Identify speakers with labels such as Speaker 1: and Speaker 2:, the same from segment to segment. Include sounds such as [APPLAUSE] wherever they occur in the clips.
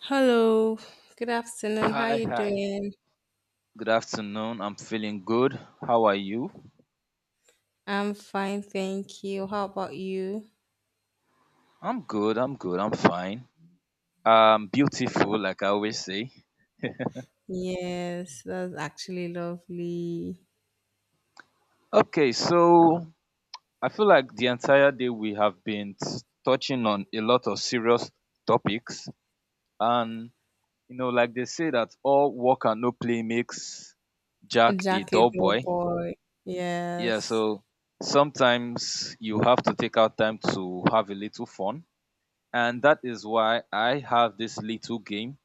Speaker 1: Hello, good afternoon. How
Speaker 2: Hi,
Speaker 1: you
Speaker 2: hi.
Speaker 1: doing?
Speaker 2: Good afternoon. I'm feeling good. How are you?
Speaker 1: I'm fine, thank you. How about you?
Speaker 2: I'm good. I'm good. I'm fine. I'm beautiful, like I always say.
Speaker 1: Yes, that's actually lovely.
Speaker 2: Okay, so I feel like the entire day we have been touching on a lot of serious topics. And, you know, like they say that all work and no play makes
Speaker 1: A
Speaker 2: Jack a dull
Speaker 1: jacket, oh
Speaker 2: boy.
Speaker 1: boy.
Speaker 2: Yeah,
Speaker 1: Yes.
Speaker 2: so sometimes you have to take out time to have a little fun. And that is why I have this little game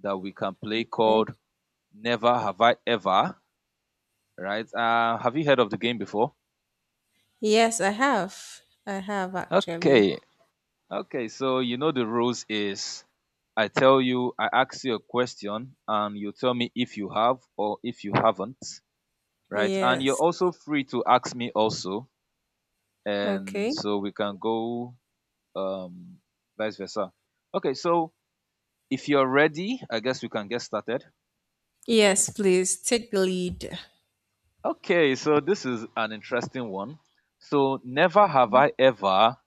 Speaker 2: that we can play
Speaker 1: Okay.
Speaker 2: called Never Have I Ever, right? Have you heard of the game before?
Speaker 1: Yes, I have. I have actually.
Speaker 2: Okay, okay. So you know the rules is I ask you a question, and you tell me if you have or if you haven't, right? And you're
Speaker 1: Yes.
Speaker 2: also free to ask me also, and
Speaker 1: Okay.
Speaker 2: so we can go um, vice versa. Okay, so if you're ready, I guess we can get started.
Speaker 1: Yes, please take the lead.
Speaker 2: Okay, so this is an interesting one. So never have I ever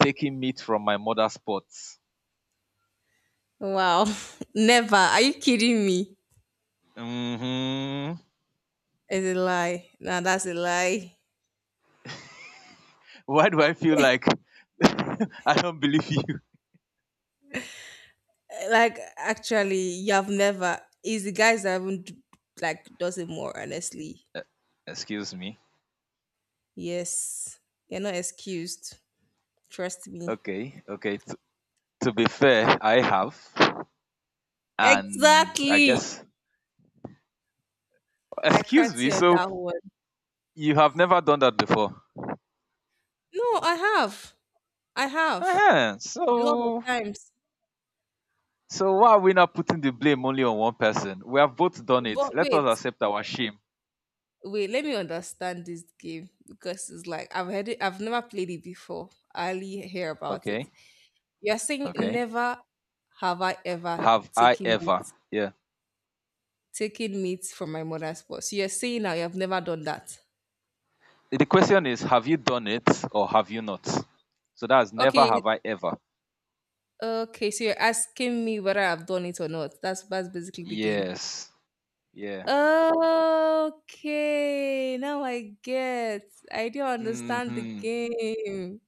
Speaker 2: taking meat from my mother's pot.
Speaker 1: Wow. [LAUGHS] Never. Are you kidding me?
Speaker 2: Hmm.
Speaker 1: It's a lie. Nah, that's a lie.
Speaker 2: Why do I feel like [LAUGHS] I don't believe you?
Speaker 1: Like actually, you have never is the guys that haven't like does it more honestly.
Speaker 2: Excuse me.
Speaker 1: Yes, you're not excused, trust me.
Speaker 2: Okay, okay. To be fair, I have, and I
Speaker 1: Exactly.
Speaker 2: guess.
Speaker 1: I
Speaker 2: Excuse
Speaker 1: cracked
Speaker 2: me.
Speaker 1: you on
Speaker 2: So
Speaker 1: that one.
Speaker 2: you have never done that before.
Speaker 1: No, I have, I have,
Speaker 2: uh
Speaker 1: a lot of
Speaker 2: So,
Speaker 1: times.
Speaker 2: so why are we not putting the blame only on one person? We have both done it.
Speaker 1: But
Speaker 2: Let
Speaker 1: wait,
Speaker 2: us accept our shame.
Speaker 1: wait, let me understand this game, because it's like, I've heard it, I've never played it before, I only hear about it.
Speaker 2: Okay,
Speaker 1: You're saying
Speaker 2: okay.
Speaker 1: never have I ever
Speaker 2: Have I
Speaker 1: taken
Speaker 2: ever?
Speaker 1: it.
Speaker 2: Yeah.
Speaker 1: Taking meat from my mother's pot. So you're saying now you have never done that.
Speaker 2: The question is, have you done it or have you not? So that's never
Speaker 1: Okay,
Speaker 2: have I ever.
Speaker 1: okay. So you're asking me whether I've done it or not. That's basically the game.
Speaker 2: Yes. Yeah.
Speaker 1: Okay, now I get. I do understand the
Speaker 2: Hmm.
Speaker 1: game.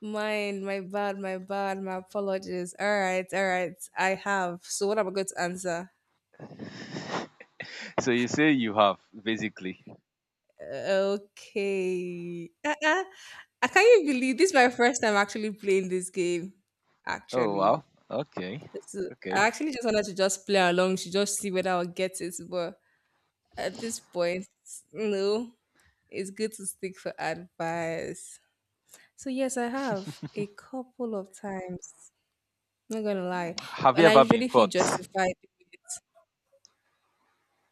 Speaker 1: Mine, my bad, my bad, my apologies. All right, all right. I have. So what am I going to answer?
Speaker 2: So you say you have, basically.
Speaker 1: Okay. Uh-uh. I can't even believe this is my first time actually playing this game.
Speaker 2: Oh,
Speaker 1: Actually.
Speaker 2: wow. Okay.
Speaker 1: This is, I
Speaker 2: Okay.
Speaker 1: actually just wanted to just play along to just see whether I'll get it, but at this point, no. It's good to stick for advice. So yes, I have a couple of times. I'm not gonna lie,
Speaker 2: Have you
Speaker 1: and I
Speaker 2: ever been
Speaker 1: usually feel
Speaker 2: caught?
Speaker 1: justified.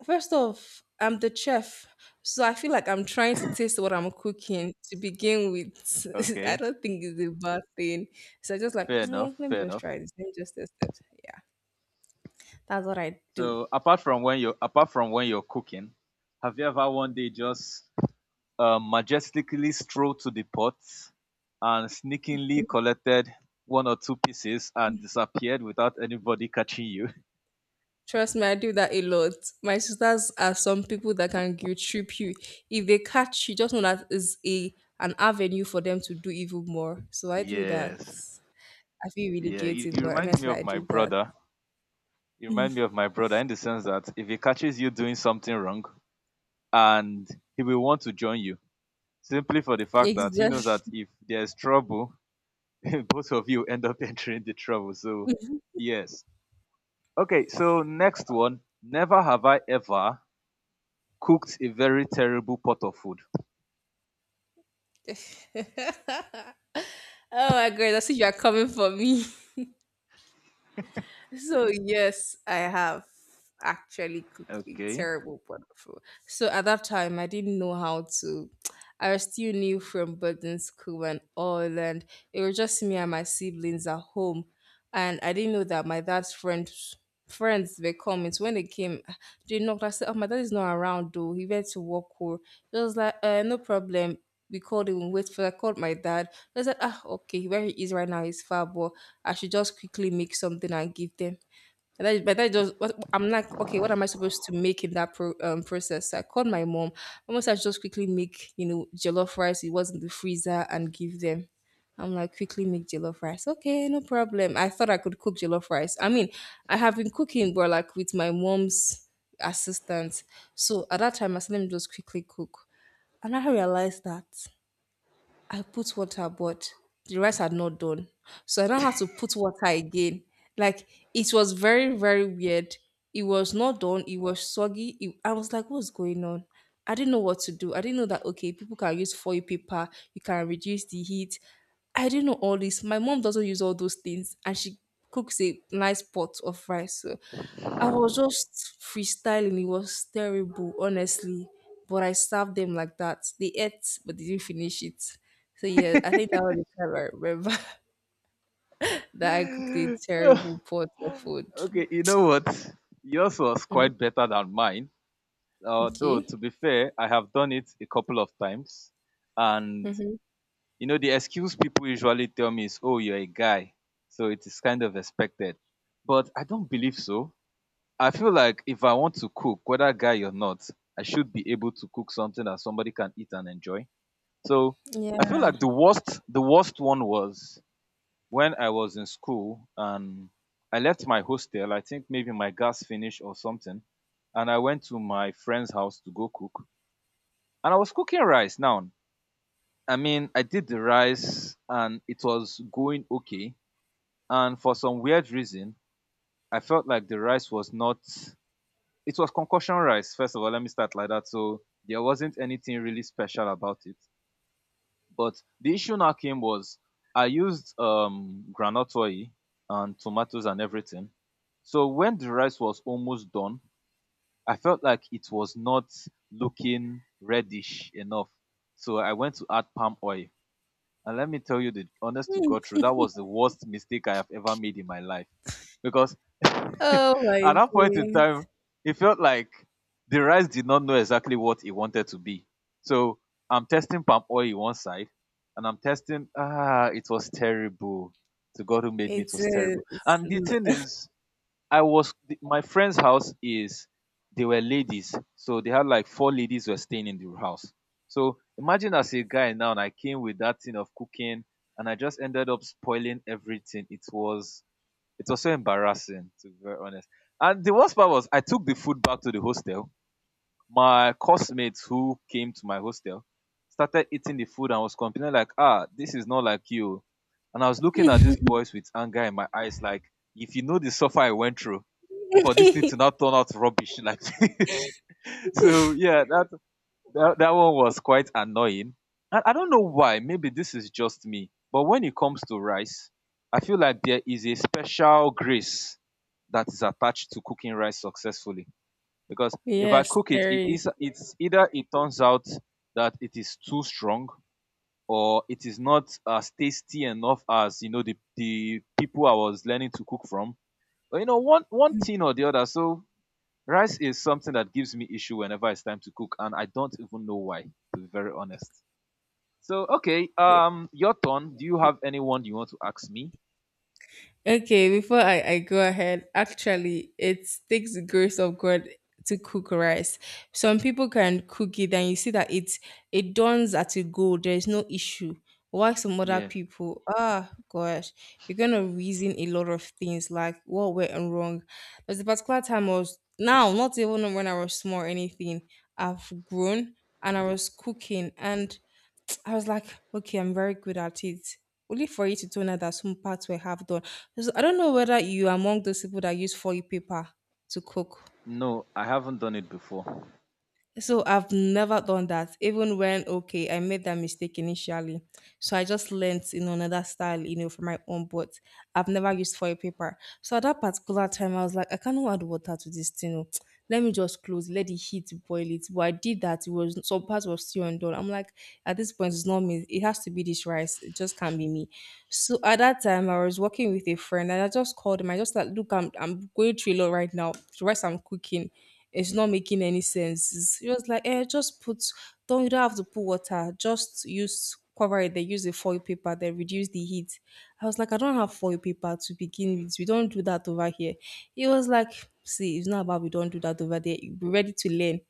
Speaker 1: First off, I'm the chef, so I feel like I'm trying to taste what I'm cooking to begin with. [LAUGHS] I
Speaker 2: Okay.
Speaker 1: don't think it's a bad thing. So I just like,
Speaker 2: Fair enough.
Speaker 1: "Mm, let me
Speaker 2: Fair
Speaker 1: just
Speaker 2: enough.
Speaker 1: try this. Let me just test it." Yeah, that's what I do.
Speaker 2: So apart from when you're cooking, have you ever one day just majestically strolled to the pot and sneakingly collected one or two pieces and disappeared without anybody catching you?
Speaker 1: Trust me, I do that a lot. My sisters are some people that can guilt trip you. If they catch you, just know that is a an avenue for them to do even more. So I do that.
Speaker 2: Yes.
Speaker 1: I feel really
Speaker 2: Yeah. He,
Speaker 1: guilty,
Speaker 2: he
Speaker 1: but
Speaker 2: reminds me
Speaker 1: honestly,
Speaker 2: of
Speaker 1: I
Speaker 2: my
Speaker 1: do that.
Speaker 2: brother. He reminds me of my brother in the sense that if he catches you doing something wrong and he will want to join you simply for the fact that he knows that
Speaker 1: Exactly.
Speaker 2: if there's trouble, [LAUGHS] both of you end up [LAUGHS] entering the trouble. So, yes. Okay. So, next one. Never have I ever cooked a very terrible pot of food.
Speaker 1: [LAUGHS] Oh my god, I see you are coming for me. [LAUGHS] So yes, I have actually cooked a
Speaker 2: Okay. [SIGHS]
Speaker 1: terrible pot of food. So at that time, I didn't know how to. I was still new from boarding school and all, and it was just me and my siblings at home, and I didn't know that my dad's friends were coming. So when they came, they knocked. I said, "Oh, my dad is not around though. He went to work." Or he was like, "No problem." We called him. Wait for. I called my dad. I said, "Ah, okay, where he is right now is far, but." I should just quickly make something and give them. And that, but that just what, I'm like, okay, what am I supposed to make in that process? So I called my mom. Almost I should just quickly make jollof rice. It was in the freezer and give them. I'm like, quickly make jollof rice. Okay, no problem. I thought I could cook jollof rice. I mean, I have been cooking, but like with my mom's assistance. So at that time, I said, let me just quickly cook. And I realized that I put water, but the rice had not done. So I now had to put water again. Like it was very, very weird. It was not done. It was soggy. I was like, what's going on? I didn't know what to do. I didn't know that, okay, people can use foil paper. You can reduce the heat. I didn't know all this. My mom doesn't use all those things and she cooks a nice pot of rice. So I was just freestyling. It was terrible, honestly. But I served them like that. They ate, but they didn't finish it. So yeah, I think that was the time I remember [LAUGHS]
Speaker 2: [LAUGHS]
Speaker 1: that I cooked a
Speaker 2: okay.
Speaker 1: terrible pot of food.
Speaker 2: You know what? Yours was
Speaker 1: Mm,
Speaker 2: quite better than mine. Although
Speaker 1: okay.
Speaker 2: to be fair, I have done it a couple of times, and
Speaker 1: Hmm.
Speaker 2: you know the excuse people usually tell me is, "Oh, you're a guy," so it is kind of expected. But I don't believe so. I feel like if I want to cook, whether guy or not, I should be able to cook something that somebody can eat and enjoy. So I feel like
Speaker 1: Yeah.
Speaker 2: the worst one was when I was in school and I left my hostel. I think maybe my gas finished or something, and I went to my friend's house to go cook and I was cooking rice now. I mean, I did the rice and it was going okay. And for some weird reason, I felt like the rice was not, it was concoction rice. First of all, let me start like that. So there wasn't anything really special about it. But the issue now came was I used granite oil and tomatoes and everything. So when the rice was almost done, I felt like it was not looking reddish enough. So I went to add palm oil. And let me tell you the honest to
Speaker 1: Hmm.
Speaker 2: God truth, that was the worst mistake I have ever made in my life. Because [LAUGHS] at
Speaker 1: Oh my
Speaker 2: that point in
Speaker 1: days.
Speaker 2: time, it felt like the rice did not know exactly what it wanted to be. So I'm testing palm oil in one side, and I'm testing, ah, it was terrible. To God who made me,
Speaker 1: It
Speaker 2: it was terrible.
Speaker 1: is.
Speaker 2: And the thing is, my friend's house is they were ladies, so they had like four ladies were staying in the house. So imagine as a guy now, and I came with that thing of cooking, and I just ended up spoiling everything. It was so embarrassing to be very honest. And the worst part was I took the food back to the hostel. My classmates who came to my hostel started eating the food and was complaining like, ah, this is not like you. And I was looking at these boys with anger in my eyes, like, if you know the suffer I went through, for this thing to
Speaker 1: [LAUGHS]
Speaker 2: not turn out rubbish like [LAUGHS] this. So yeah, that that one was quite annoying. And I don't know why. Maybe this is just me. But when it comes to rice, I feel like there is a special grace that is attached to cooking rice successfully. Because if I
Speaker 1: Yes,
Speaker 2: cook it,
Speaker 1: there
Speaker 2: it
Speaker 1: is.
Speaker 2: is it's either it turns out that it is too strong or it is not as tasty enough as the people I was learning to cook from. But one thing or the other. So rice is something that gives me issue whenever it's time to cook, and I don't even know why, to be very honest. So, okay, your turn. Do you have anyone you want to ask me?
Speaker 1: Okay, before I go ahead, actually, it takes the grace of God to cook rice. Some people can cook it and you see that it dawns at a go. There is no issue. Why some other
Speaker 2: Yeah.
Speaker 1: people? Ah, gosh, you're gonna reason a lot of things like what went wrong. There's a particular time I was now, not even when I was small or anything. I've grown and I was cooking and I was like, okay, I'm very good at it. Only for you to tell her that some parts were half done. So I don't know whether you are among those people that use foil paper to cook.
Speaker 2: No, I haven't done it before.
Speaker 1: So I've never done that, even when okay, I made that mistake initially. So I just learned, another style, for my own, but I've never used foil paper. So at that particular time, I was like, I cannot add water to this thing. Oh. Let me just close, let the heat boil it. But I did that. It was some parts were still undone. I'm like, at this point, it's not me. It has to be this rice. It just can't be me. So at that time, I was working with a friend, and I just called him. I just like, look, I'm going through a lot right now. The rice I'm cooking. It's not making any sense. It was like, just don't, you don't have to put water, just use, cover it, then use a foil paper, then reduce the heat. I was like, I don't have foil paper to begin with. We don't do that over here. He was like, see, it's not about we don't do that over there. Be ready to learn.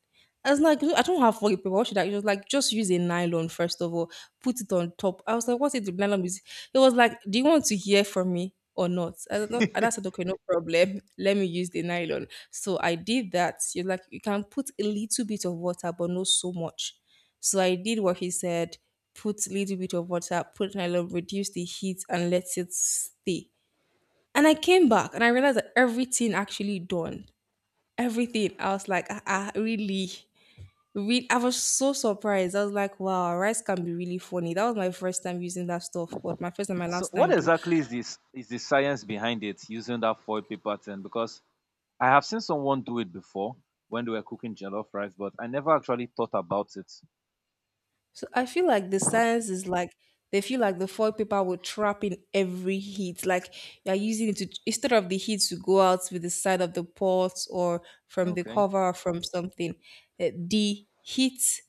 Speaker 1: I was like, I don't have foil paper. What should I? It was like, just use a nylon first of all put it on top. I was like, what if the nylon is? It was like, do you want to hear from me or not? I don't know. And I said, okay, no problem. [LAUGHS] Let me use the nylon. So I did that. You're like, you can put a little bit of water, but not so much. So I did what he said, put a little bit of water, put nylon, reduce the heat, and let it stay. And I came back and I realized that everything actually done. Everything. I was like, ah, ah, really? I was so surprised. I was like, wow, rice can be really funny. That was my first time using that stuff, but my first and my
Speaker 2: So,
Speaker 1: last
Speaker 2: what
Speaker 1: time too.
Speaker 2: exactly is this? Is the science behind it using that foil paper thing? Because I have seen someone do it before when they were cooking jollof rice, but I never actually thought about it.
Speaker 1: So I feel like the science is like they feel like the foil paper will trap in every heat. Like you're using it to instead of the heat to go out with the side of the pot or from the
Speaker 2: Okay.
Speaker 1: cover or from something. The heat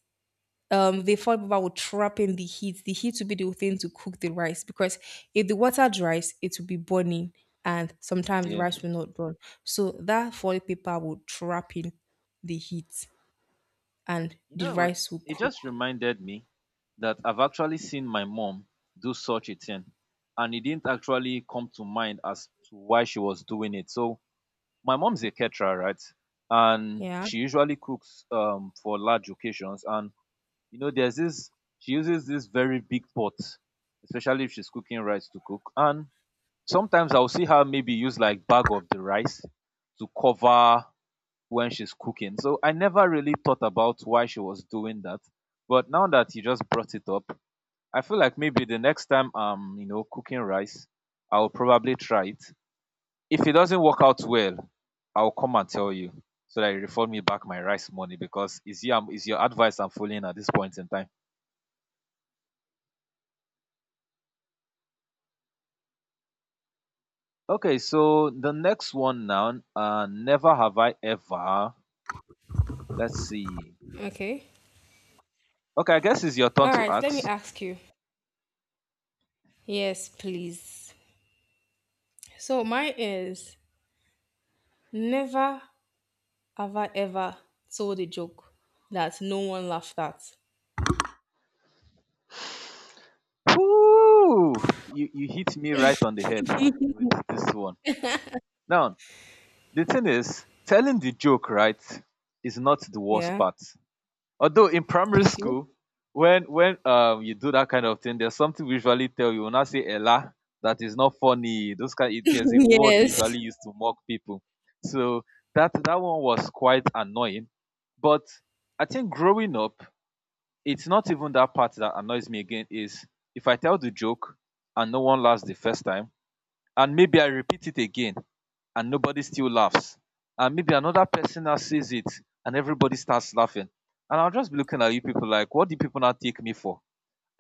Speaker 1: they thought about would trap in the heat. The heat would be the thing to cook the rice because if the water dries, it will be burning, and sometimes the
Speaker 2: Yeah.
Speaker 1: rice will not burn. So that foil paper would trap in the heat, and
Speaker 2: You
Speaker 1: the
Speaker 2: know what?
Speaker 1: rice will
Speaker 2: It
Speaker 1: cook.
Speaker 2: just reminded me that I've actually seen my mom do such a thing, and it didn't actually come to mind as to why she was doing it. So, my mom's a caterer, right? And
Speaker 1: Yeah.
Speaker 2: she usually cooks for large occasions. And, you know, there's this, she uses this very big pot, especially if she's cooking rice to cook. And sometimes I'll see her maybe use like bag of the rice to cover when she's cooking. So I never really thought about why she was doing that. But now that you just brought it up, I feel like maybe the next time I'm, you know, cooking rice, I'll probably try it. If it doesn't work out well, I'll come and tell you so that you refund me back my rice money because it's your advice I'm following at this point in time. Okay, so the next one now, never have I ever. Let's see.
Speaker 1: Okay.
Speaker 2: Okay, I guess it's your turn
Speaker 1: All
Speaker 2: to
Speaker 1: right. Let me
Speaker 2: ask.
Speaker 1: ask you. Yes, please. So mine is never have I ever told a joke that no one laughed at.
Speaker 2: Whoo! You hit me right on the head with this one. Now, the thing is, telling the joke right is not the worst
Speaker 1: Yeah.
Speaker 2: part. Although in primary
Speaker 1: Okay.
Speaker 2: school, when you do that kind of thing, there's something we usually tell you. When I say "Ella," that is not funny. Those kind, there's a
Speaker 1: [LAUGHS]
Speaker 2: word we
Speaker 1: Yes.
Speaker 2: usually use to mock people. So that one was quite annoying. But I think growing up, it's not even that part that annoys me again is if I tell the joke and no one laughs the first time and maybe I repeat it again and nobody still laughs and maybe another person now says it and everybody starts laughing, and I'll just be looking at you people like, what do people now take me for?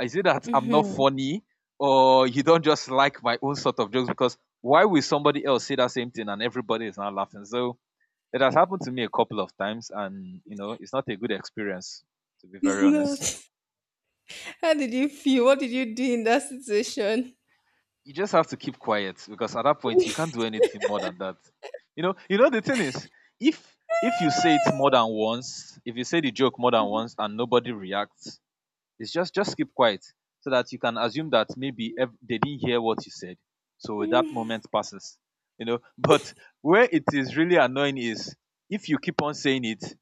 Speaker 2: Is it that I'm not
Speaker 1: Hmm.
Speaker 2: funny, or you don't just like my own sort of jokes? Because why will somebody else say that same thing and everybody is now laughing? So it has happened to me a couple of times, and you know it's not a good experience, to be
Speaker 1: It's
Speaker 2: very
Speaker 1: not.
Speaker 2: honest.
Speaker 1: How did you feel? What did you do in that situation?
Speaker 2: You just have to keep quiet because at that point you can't do anything more than that. You know the thing is, if you say it more than once, if you say the joke more than
Speaker 1: [LAUGHS]
Speaker 2: once and nobody reacts, it's just keep quiet so that you can assume that maybe they didn't hear what you said. So that moment passes, you know. [LAUGHS] But where it is really annoying is if you keep on saying it,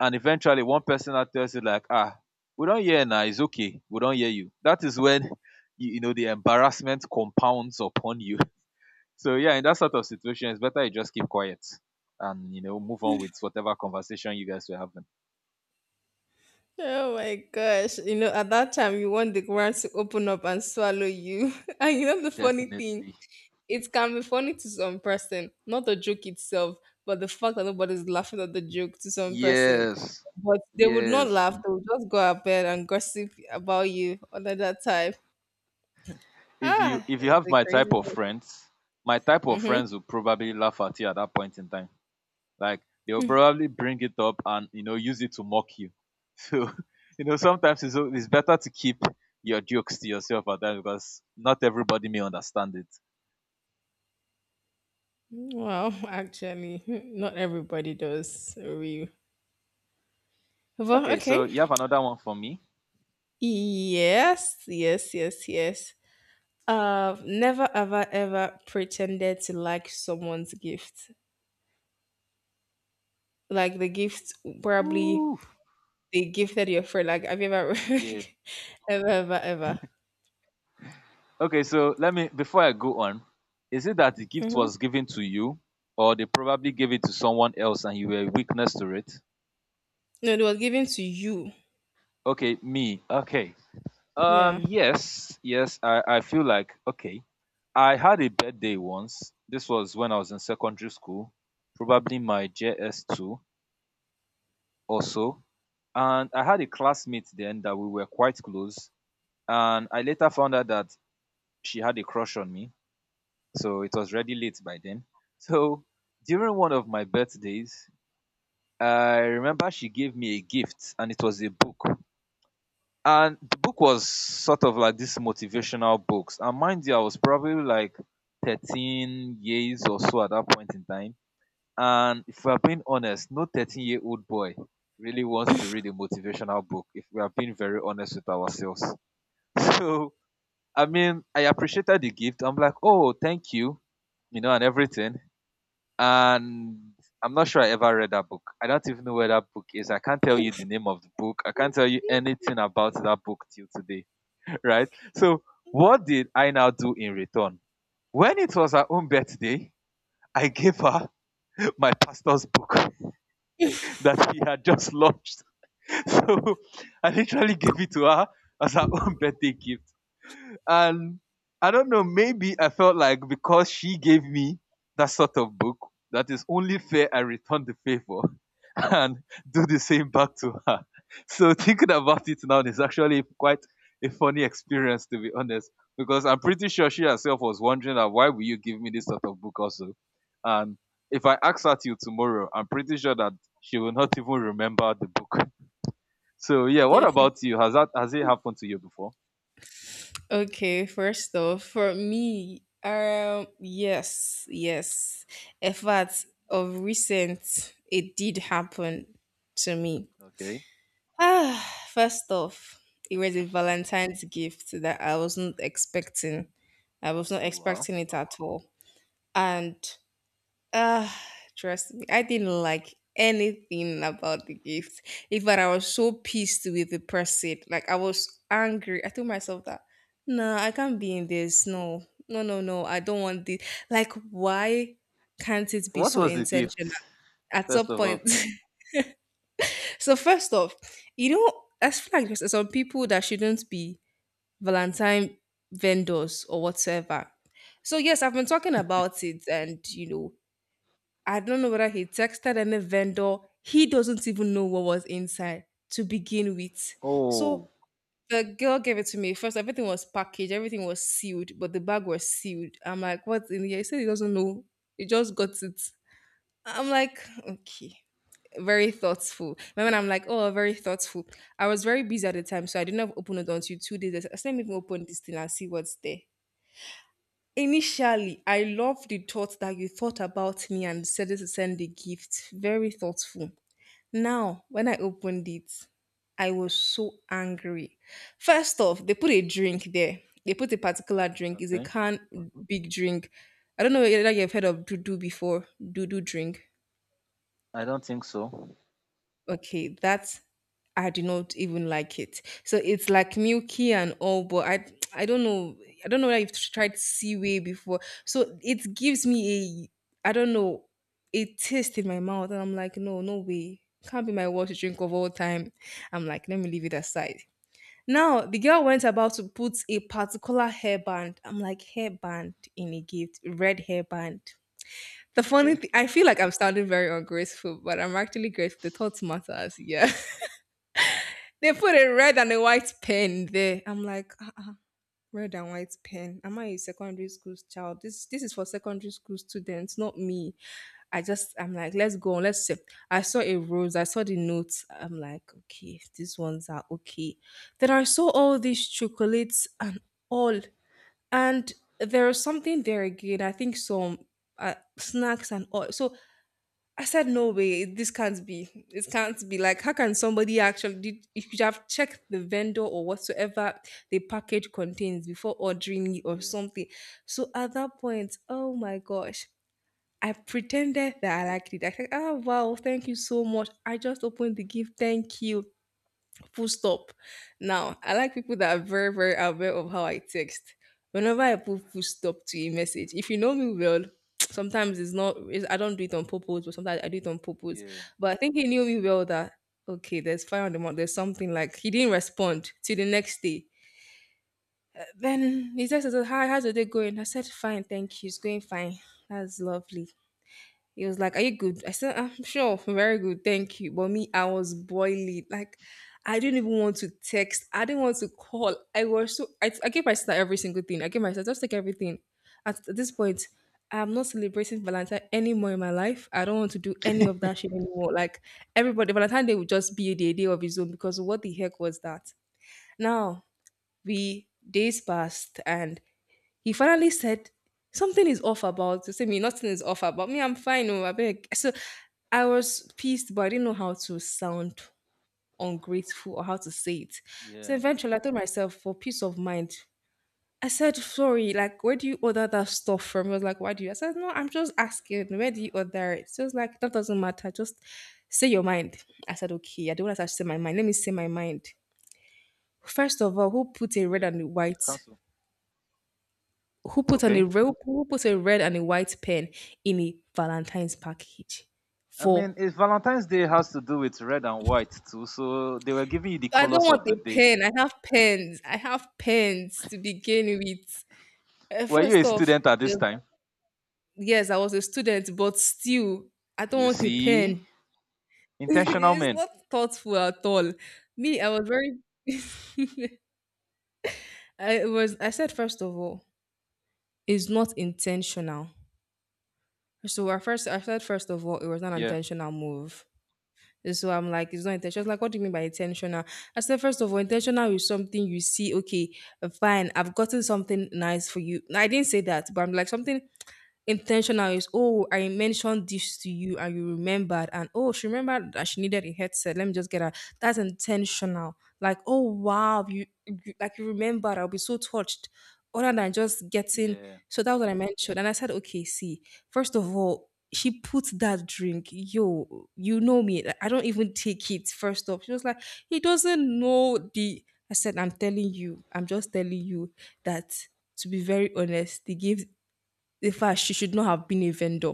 Speaker 2: and eventually one person now tells you like, ah, we don't hear now. It's okay. We don't hear you. That is when [LAUGHS] you know the embarrassment compounds upon you. [LAUGHS] So yeah, in that sort of situation, it's better you just keep quiet and you know move on with whatever conversation you guys were having.
Speaker 1: Oh my gosh. You know, at that time, you want the ground to open up and swallow you. [LAUGHS] And you know, the funny thing,
Speaker 2: Definitely.
Speaker 1: it can be funny to some person, not the joke itself, but the fact that nobody's laughing at the joke to some person.
Speaker 2: Yes.
Speaker 1: But they would not
Speaker 2: Yes.
Speaker 1: laugh, they would just go out bed and gossip about you under that time. Ah,
Speaker 2: If you have
Speaker 1: the
Speaker 2: my
Speaker 1: crazy.
Speaker 2: type of friends, my type of
Speaker 1: Mm-hmm.
Speaker 2: friends will probably laugh at you at that point in time. Like they will probably bring it up and you know use it to mock you. [LAUGHS] So you know sometimes it's better to keep your jokes to yourself at that because not everybody may understand it.
Speaker 1: Well, actually, [LAUGHS] not everybody does. Real. Well,
Speaker 2: Okay, so
Speaker 1: okay.
Speaker 2: you have another one for me.
Speaker 1: Yes, yes, yes, yes. I've never ever ever pretended to like someone's gift. Like the gift probably
Speaker 2: Woo.
Speaker 1: they gifted your friend. Like have you ever [LAUGHS]
Speaker 2: Yeah.
Speaker 1: ever ever ever?
Speaker 2: Okay, so let me before I go on, is it that the gift
Speaker 1: Hmm.
Speaker 2: was given to you, or they probably gave it to someone else and you were a witness to it?
Speaker 1: No, it was given to you.
Speaker 2: Okay, me. Okay,
Speaker 1: Yeah.
Speaker 2: Yes, yes, I feel like, okay, I had a birthday once. This was when I was in secondary school, probably my JS2 or so. And I had a classmate then that we were quite close. And I later found out that she had a crush on me. So it was already late by then. [LAUGHS] So during one of my birthdays, I remember she gave me a gift and it was a book. And the book was sort of like this motivational books. And mind you, I was probably like 13 years or so at that point in time. And if we're being honest, no 13-year-old boy really wants to read a motivational book if we are being very honest with ourselves. [LAUGHS] So, I mean, I appreciated the gift. I'm like, oh, thank you, and everything. And I'm not sure I ever read that book. I don't even know where that book is. I can't tell you the name of the book. I can't tell you anything about that book till today, right? So what did I now do in return? When it was her own birthday, I gave her [LAUGHS] my pastor's book [LAUGHS] that
Speaker 1: [LAUGHS]
Speaker 2: he had just launched. [LAUGHS] So I literally gave it to her as her own [LAUGHS] birthday gift, and I don't know, maybe I felt like because she gave me that sort of book, that is only fair I return the favor [LAUGHS] and do the same back to her. [LAUGHS] So thinking about it now is actually quite a funny experience to be honest, because I'm pretty sure she herself was wondering that why will you give me this sort of book also? And if I ask her till tomorrow, I'm pretty sure that she will not [LAUGHS] even remember the book. [LAUGHS] So yeah, what
Speaker 1: Definitely.
Speaker 2: about you? Has it happened to you before?
Speaker 1: Okay, first off, for me, yes, yes. In fact, of recent, it did happen to me.
Speaker 2: Okay.
Speaker 1: [SIGHS] Ah, first off, it was a Valentine's gift that I wasn't expecting. I was not
Speaker 2: Oh wow.
Speaker 1: expecting it at all. And ah, trust me, I didn't like anything about the gift. In fact, I was so pissed with the person. Like I was angry. I told myself that no, I can't be in this. No, no, no, no. I don't want this. Like, why can't it be
Speaker 2: What
Speaker 1: so
Speaker 2: was the gift,
Speaker 1: intentional? At some
Speaker 2: first of all?
Speaker 1: point, [LAUGHS] So first off, you know, I feel like there's some people that shouldn't be Valentine vendors or whatsoever. So yes, I've been talking about it, and I don't know whether he texted any vendor. He doesn't even know what was inside to begin with.
Speaker 2: Oh,
Speaker 1: So the girl gave it to me first. Everything was packaged, everything was sealed, but the bag was sealed. I'm like, what's in here? He said he doesn't know. He just got it. I'm like, okay, very thoughtful. Remember, I'm like, oh, very thoughtful. I was very busy at the time, so I didn't have opened it until 2 days. I said, let me even open this thing and see what's there. Initially, I love the thought that you thought about me and decided to send the gift. Very thoughtful. Now, when I opened it, I was so angry. First off, they put a drink there. They put a particular drink. It's a
Speaker 2: okay.
Speaker 1: can, big drink. I don't know whether you've heard of Dudu before. Dudu drink.
Speaker 2: I don't think so.
Speaker 1: Okay, that I do not even like it. So it's like milky and all, but I don't know. I don't know if you've tried seaweed before. So it gives me a I don't know a taste in my mouth, and I'm like, no, no way, can't be my water drink of all time. I'm like, let me leave it aside. Now the girl went about to put a particular hairband. I'm like hairband in a gift, red hairband. The funny
Speaker 2: Okay.
Speaker 1: thing, I feel like I'm sounding very ungrateful, but I'm actually grateful. The thoughts matters, yeah. [LAUGHS] They put a red and a white pen there. I'm like, ah, ah, red and white pen. Am I a secondary school child? This is for secondary school students, not me. I just I'm like, let's go on. Let's see. I saw a rose. I saw the notes. I'm like, okay, these ones are okay. Then I saw all these chocolates and all, and there is something there again. I think some snacks and all. So I said, no way, this can't be. It can't be. Like, how can somebody actually did you should have checked the vendor or whatsoever the package contains before ordering it or
Speaker 2: Yeah,
Speaker 1: something? So at that point, oh my gosh, I pretended that I liked it. I said, oh wow, thank you so much. I just opened the gift. Thank you full stop. Now, I like people that are very, very aware of how I text. Whenever I put full stop to a message, if you know me well, [TSK] sometimes it's not, it's, I don't do it on purpose, but sometimes I do it on purpose.
Speaker 2: yeah,
Speaker 1: But I think he knew me well that, okay, there's fire on the mountain, there's something like, he didn't respond till the next day. Then he said, hi, how's the day going? I said, fine, thank you, it's going fine. That's lovely. He was like, are you good? I said, I'm sure, very good, thank you. But me, I was boiling. Like, I didn't even want to text. I didn't want to call. I was so I gave my sister every single thing. I gave my sister just like everything. At this point, I'm not celebrating Valentine anymore in my life. I don't want to do any of that shit anymore. Like everybody, Valentine Day would just be a day of his own because what the heck was that? Now we days passed and he finally said, something is off about to say me, nothing is off about me. I'm fine. Oh, I beg. So I was pissed, but I didn't know how to sound ungrateful or how to say it. So
Speaker 2: yeah,
Speaker 1: eventually I told myself for peace of mind. I said, sorry, like where do you order that stuff from? He was like, why do you? I said, no, I'm just asking, where do you order it? She was like, that doesn't matter. Just say your mind. I said, okay, I don't want to say my mind. Let me say my mind. First of all, who put a red
Speaker 2: yeah.
Speaker 1: and a white
Speaker 2: Cancel. Okay.
Speaker 1: Who put a red and a white pen in a Valentine's package?
Speaker 2: I
Speaker 1: For
Speaker 2: mean, it's Valentine's Day has to do with red and white too, so they were giving you the
Speaker 1: I don't
Speaker 2: colors
Speaker 1: want
Speaker 2: of
Speaker 1: a
Speaker 2: the day.
Speaker 1: pen. I have pens. I have pens to begin with.
Speaker 2: Were you a
Speaker 1: First off,
Speaker 2: student at this
Speaker 1: uh,
Speaker 2: time?
Speaker 1: yes, I was a student, but still, I don't
Speaker 2: You
Speaker 1: want a
Speaker 2: see,
Speaker 1: pen. [LAUGHS]
Speaker 2: intentional
Speaker 1: It's
Speaker 2: men.
Speaker 1: not thoughtful at all. Me, I was very. [LAUGHS] I was. I said first of all, it's not intentional. So I first, I said first of all, it was not an
Speaker 2: Yeah,
Speaker 1: intentional move. And so I'm like, it's not intentional. She's like, what do you mean by intentional? I said, first of all, intentional is something you see, okay, fine, I've gotten something nice for you. No, I didn't say that, but I'm like, something intentional is oh I mentioned this to you and you remembered and oh she remembered that she needed a headset let me just get her, that's intentional. Like oh wow, you like you remembered, I'll be so touched other than just getting
Speaker 2: yeah,
Speaker 1: so that's what I mentioned and I said okay see first of all she puts that drink yo you know me like, I don't even take it first off she was like he doesn't know the I said I'm telling you, I'm just telling you that to be very honest, they gave in fact, she should not have been a vendor.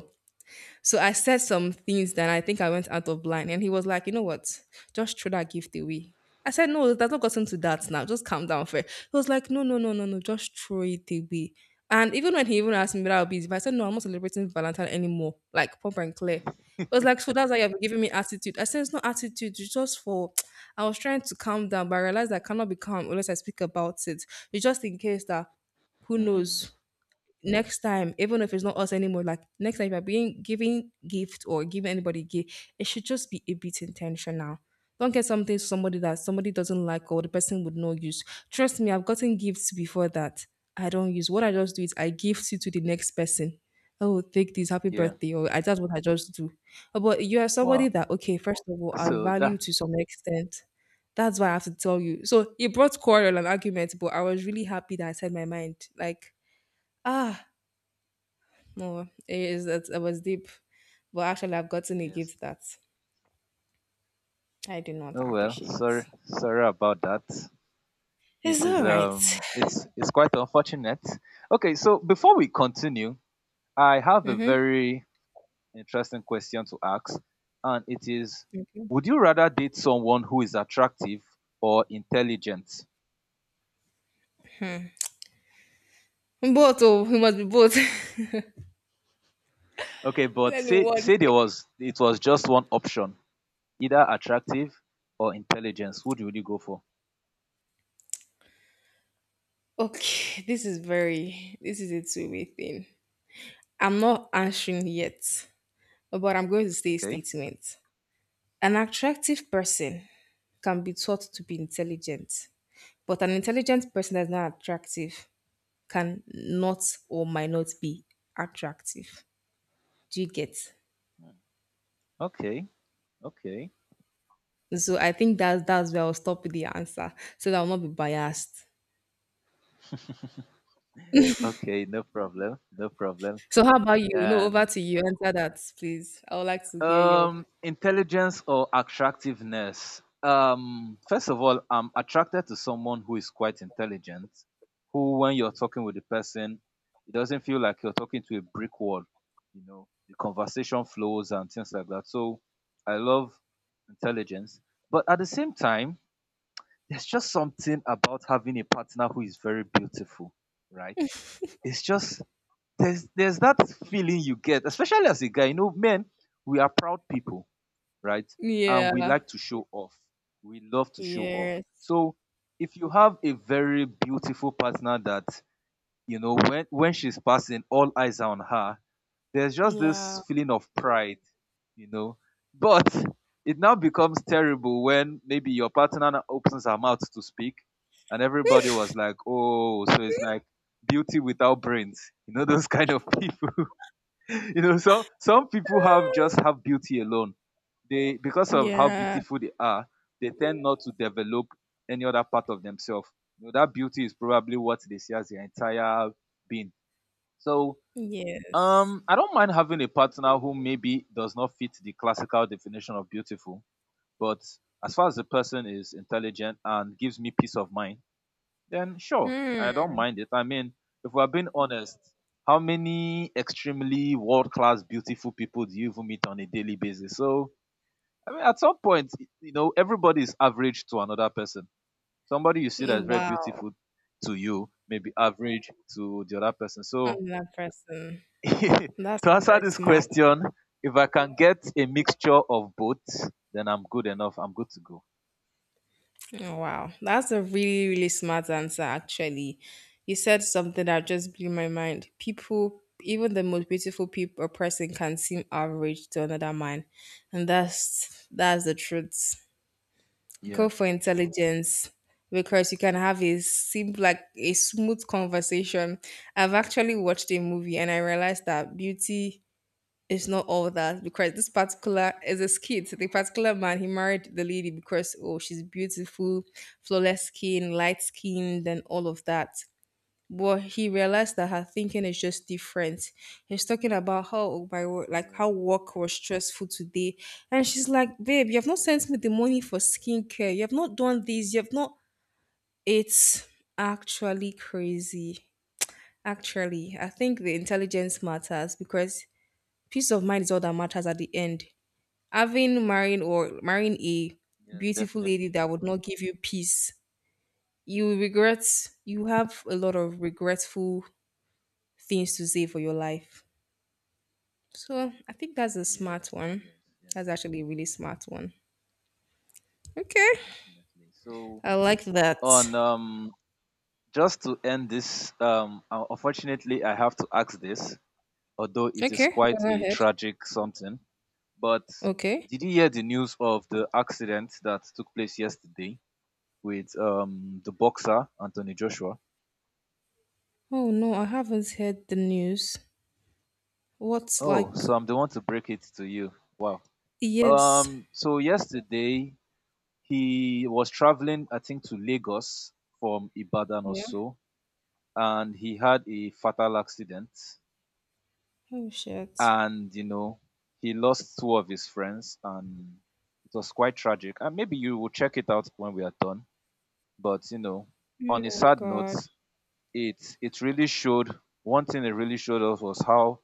Speaker 1: So I said some things that I think I went out of line. And he was like, you know what? Just throw that gift away. I said, no, that's not gotten to that now. Just calm down first. He was like, no, no, no, no, no. Just throw it away. And even when he even asked me whether I'll be busy, I said, no, I'm not celebrating Valentine anymore. Like, proper and clear. It was like, so that's why you've been giving me attitude. I said, it's not attitude. It's just for, [TSK] I was trying to calm down, but I realized I cannot be calm unless I speak about it. It's just in case that, who
Speaker 2: mm,
Speaker 1: knows? Next time, even if it's not us anymore, like next time if you're being giving gift or giving anybody gift, it should just be a bit intentional. Don't get something to somebody that somebody doesn't like or the person would not use. Trust me, I've gotten gifts before that I don't use. What I just do is I gift it to the next person. Oh, take this, happy
Speaker 2: yeah.
Speaker 1: birthday, or I that's what I just do. But you are somebody
Speaker 2: Wow.
Speaker 1: that okay, first of all, I
Speaker 2: So
Speaker 1: value
Speaker 2: that
Speaker 1: to some extent. That's why I have to tell you. So it brought quarrel and argument, but I was really happy that I said my mind. Like, ah, no, it is that it was deep, but actually, I've gotten a
Speaker 2: yes.
Speaker 1: gift that I do not
Speaker 2: Oh well. Sorry,
Speaker 1: appreciate.
Speaker 2: sorry about that. It
Speaker 1: It's
Speaker 2: is
Speaker 1: all right.
Speaker 2: it's quite unfortunate. Okay, so before we continue, I have a very interesting question to ask, and it is, would you rather date someone who is attractive or intelligent?
Speaker 1: Both, oh, it must be both. [LAUGHS]
Speaker 2: Okay, but
Speaker 1: Let me
Speaker 2: say
Speaker 1: one.
Speaker 2: say there
Speaker 1: Day.
Speaker 2: was, it was just one option, either attractive or intelligence. Would you go for?
Speaker 1: Okay, this is very. This is a two-way thing. I'm not answering yet, but I'm going to say a
Speaker 2: Okay.
Speaker 1: statement. An attractive person can be taught to be intelligent, but an intelligent person that's not attractive can not or might not be attractive. Do you get?
Speaker 2: Okay. Okay.
Speaker 1: So I think that's where I'll stop with the answer so that I'll not be biased.
Speaker 2: Okay, no problem, no problem.
Speaker 1: So how about you? No, over
Speaker 2: And
Speaker 1: to you. Answer that, please. I would like to hear your
Speaker 2: Intelligence or attractiveness. First of all, I'm attracted to someone who is quite intelligent, who, when you're talking with the person, it doesn't feel like you're talking to a brick wall. You know, the conversation flows and things like that. So I love intelligence. But at the same time, there's just something about having a partner who is very beautiful, right? It's just there's that feeling you get, especially as a guy. You know, men, we are proud people, right? And we
Speaker 1: yeah.
Speaker 2: like to show off. We love to show off.
Speaker 1: Yes.
Speaker 2: So if you have a very beautiful partner that, you know, when she's passing, all eyes are on her, there's just this
Speaker 1: Yeah.
Speaker 2: feeling of pride, you know. But it now becomes terrible when maybe your partner now opens her mouth to speak and everybody was like, oh, so it's like beauty without brains. You know, [LAUGHS] those kind of people. [LAUGHS] You know, so some people have just have
Speaker 1: [LAUGHS]
Speaker 2: beauty alone, they because of how
Speaker 1: Yeah.
Speaker 2: beautiful they are, they tend not to develop any other part of themselves. You know, that beauty is probably what they see as their entire being. So
Speaker 1: Yes.
Speaker 2: I don't mind having a partner who maybe does not fit the classical definition of beautiful, but as far as the person is intelligent and gives me peace of mind, then sure, I don't
Speaker 1: Hmm.
Speaker 2: mind it. I mean, if we're being honest, how many extremely world class beautiful people do you even meet on a daily basis? So I mean, at some point, you know, everybody is average to another person. Somebody you see that is very
Speaker 1: Wow.
Speaker 2: beautiful to you may be average to the other person. So,
Speaker 1: I'm that person.
Speaker 2: [LAUGHS] to
Speaker 1: That's
Speaker 2: answer
Speaker 1: very
Speaker 2: this
Speaker 1: smart.
Speaker 2: question, if I can get a mixture of both, then I'm good enough. I'm good to go.
Speaker 1: Oh, wow, that's a really, really smart answer, actually. You said something that just blew my mind. People, even the most beautiful people or person can seem average to another man. And that's the truth.
Speaker 2: Yeah.
Speaker 1: Go for intelligence because you can have a seem like a smooth conversation. I've actually watched a movie and I realized that beauty it's not all that because this particular is a skit. The particular man he married the lady because oh she's beautiful, flawless skin, light skinned, and all of that. But he realized that her thinking is just different. He's talking about how oh, my wo- like
Speaker 2: Yeah.
Speaker 1: how work was stressful today, and she's like, "Babe, you have not sent me the money for skincare. You have not done this. You have not." It's actually crazy. Actually, I think the intelligence matters because peace of mind is all that matters at the end. Having marrying or marrying a
Speaker 2: Yes,
Speaker 1: beautiful lady
Speaker 2: definitely.
Speaker 1: that would not give you peace, you will regret. You have a lot of regretful things to say for your life. So I think that's a
Speaker 2: Yeah.
Speaker 1: smart one.
Speaker 2: Yes. Yes.
Speaker 1: That's actually a really smart one. Okay,
Speaker 2: Definitely. So,
Speaker 1: I like that.
Speaker 2: on just to end this, unfortunately, I have to ask this, although it is
Speaker 1: Okay,
Speaker 2: quite
Speaker 1: go
Speaker 2: a
Speaker 1: ahead.
Speaker 2: tragic something. But
Speaker 1: Okay.
Speaker 2: did you hear the news of the accident that took place yesterday with the boxer Anthony Joshua?
Speaker 1: Oh no, I haven't heard the news. What's
Speaker 2: Oh,
Speaker 1: like?
Speaker 2: so I'm the one to break it to you. Wow.
Speaker 1: Yes.
Speaker 2: So yesterday he was traveling, I think, to Lagos from Ibadan or
Speaker 1: Yeah.
Speaker 2: so, and he had a fatal accident.
Speaker 1: Oh shit.
Speaker 2: And you know, he lost two of his friends, and it was quite tragic. And maybe you will check it out when we are done. But you know,
Speaker 1: Oh
Speaker 2: on a
Speaker 1: my
Speaker 2: sad note,
Speaker 1: god.
Speaker 2: it really showed one thing, it really showed us was how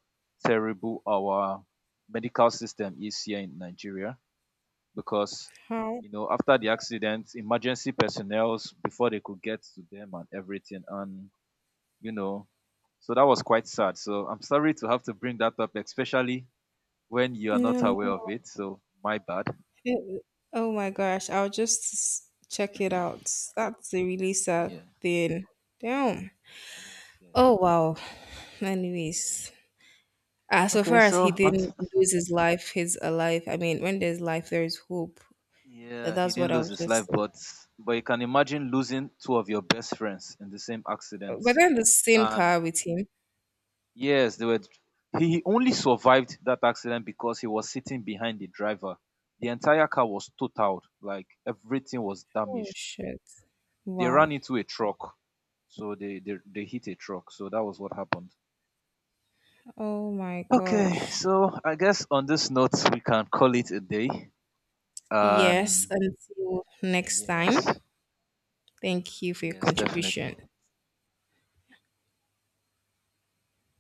Speaker 2: terrible our medical system is here in Nigeria, because
Speaker 1: How?
Speaker 2: you know after the accident emergency personnel before they could get to them and everything and you know, so that was quite sad. So I'm sorry to have to bring that up, especially when you are
Speaker 1: No,
Speaker 2: not
Speaker 1: no.
Speaker 2: aware of it, so my bad.
Speaker 1: It- oh my gosh, I'll just check it out. That's a really sad
Speaker 2: Yeah,
Speaker 1: thing. Damn.
Speaker 2: yes, yes
Speaker 1: Oh
Speaker 2: it is.
Speaker 1: wow. Anyways, so
Speaker 2: Okay,
Speaker 1: far as
Speaker 2: so
Speaker 1: he
Speaker 2: on,
Speaker 1: didn't lose his life, he's alive. I mean, when there's life, there is hope. So
Speaker 2: yeah, he
Speaker 1: that's what
Speaker 2: didn't
Speaker 1: I
Speaker 2: lose
Speaker 1: was
Speaker 2: his life,
Speaker 1: just.
Speaker 2: but you can imagine losing two of your best friends in the same
Speaker 1: But
Speaker 2: accident.
Speaker 1: then the same
Speaker 2: And
Speaker 1: car with him.
Speaker 2: yes, they were. He only survived that accident because he was sitting behind the driver. The entire car was totaled, like everything was
Speaker 1: Oh
Speaker 2: damaged.
Speaker 1: shit.
Speaker 2: They
Speaker 1: Wow.
Speaker 2: ran into a truck, so they hit a truck. So that was what happened.
Speaker 1: Oh my
Speaker 2: Okay,
Speaker 1: gosh.
Speaker 2: so I guess on this note we can call it a day.
Speaker 1: Yes,
Speaker 2: Um,
Speaker 1: until next time.
Speaker 2: yes,
Speaker 1: Thank you for your
Speaker 2: yes, definitely.
Speaker 1: contribution.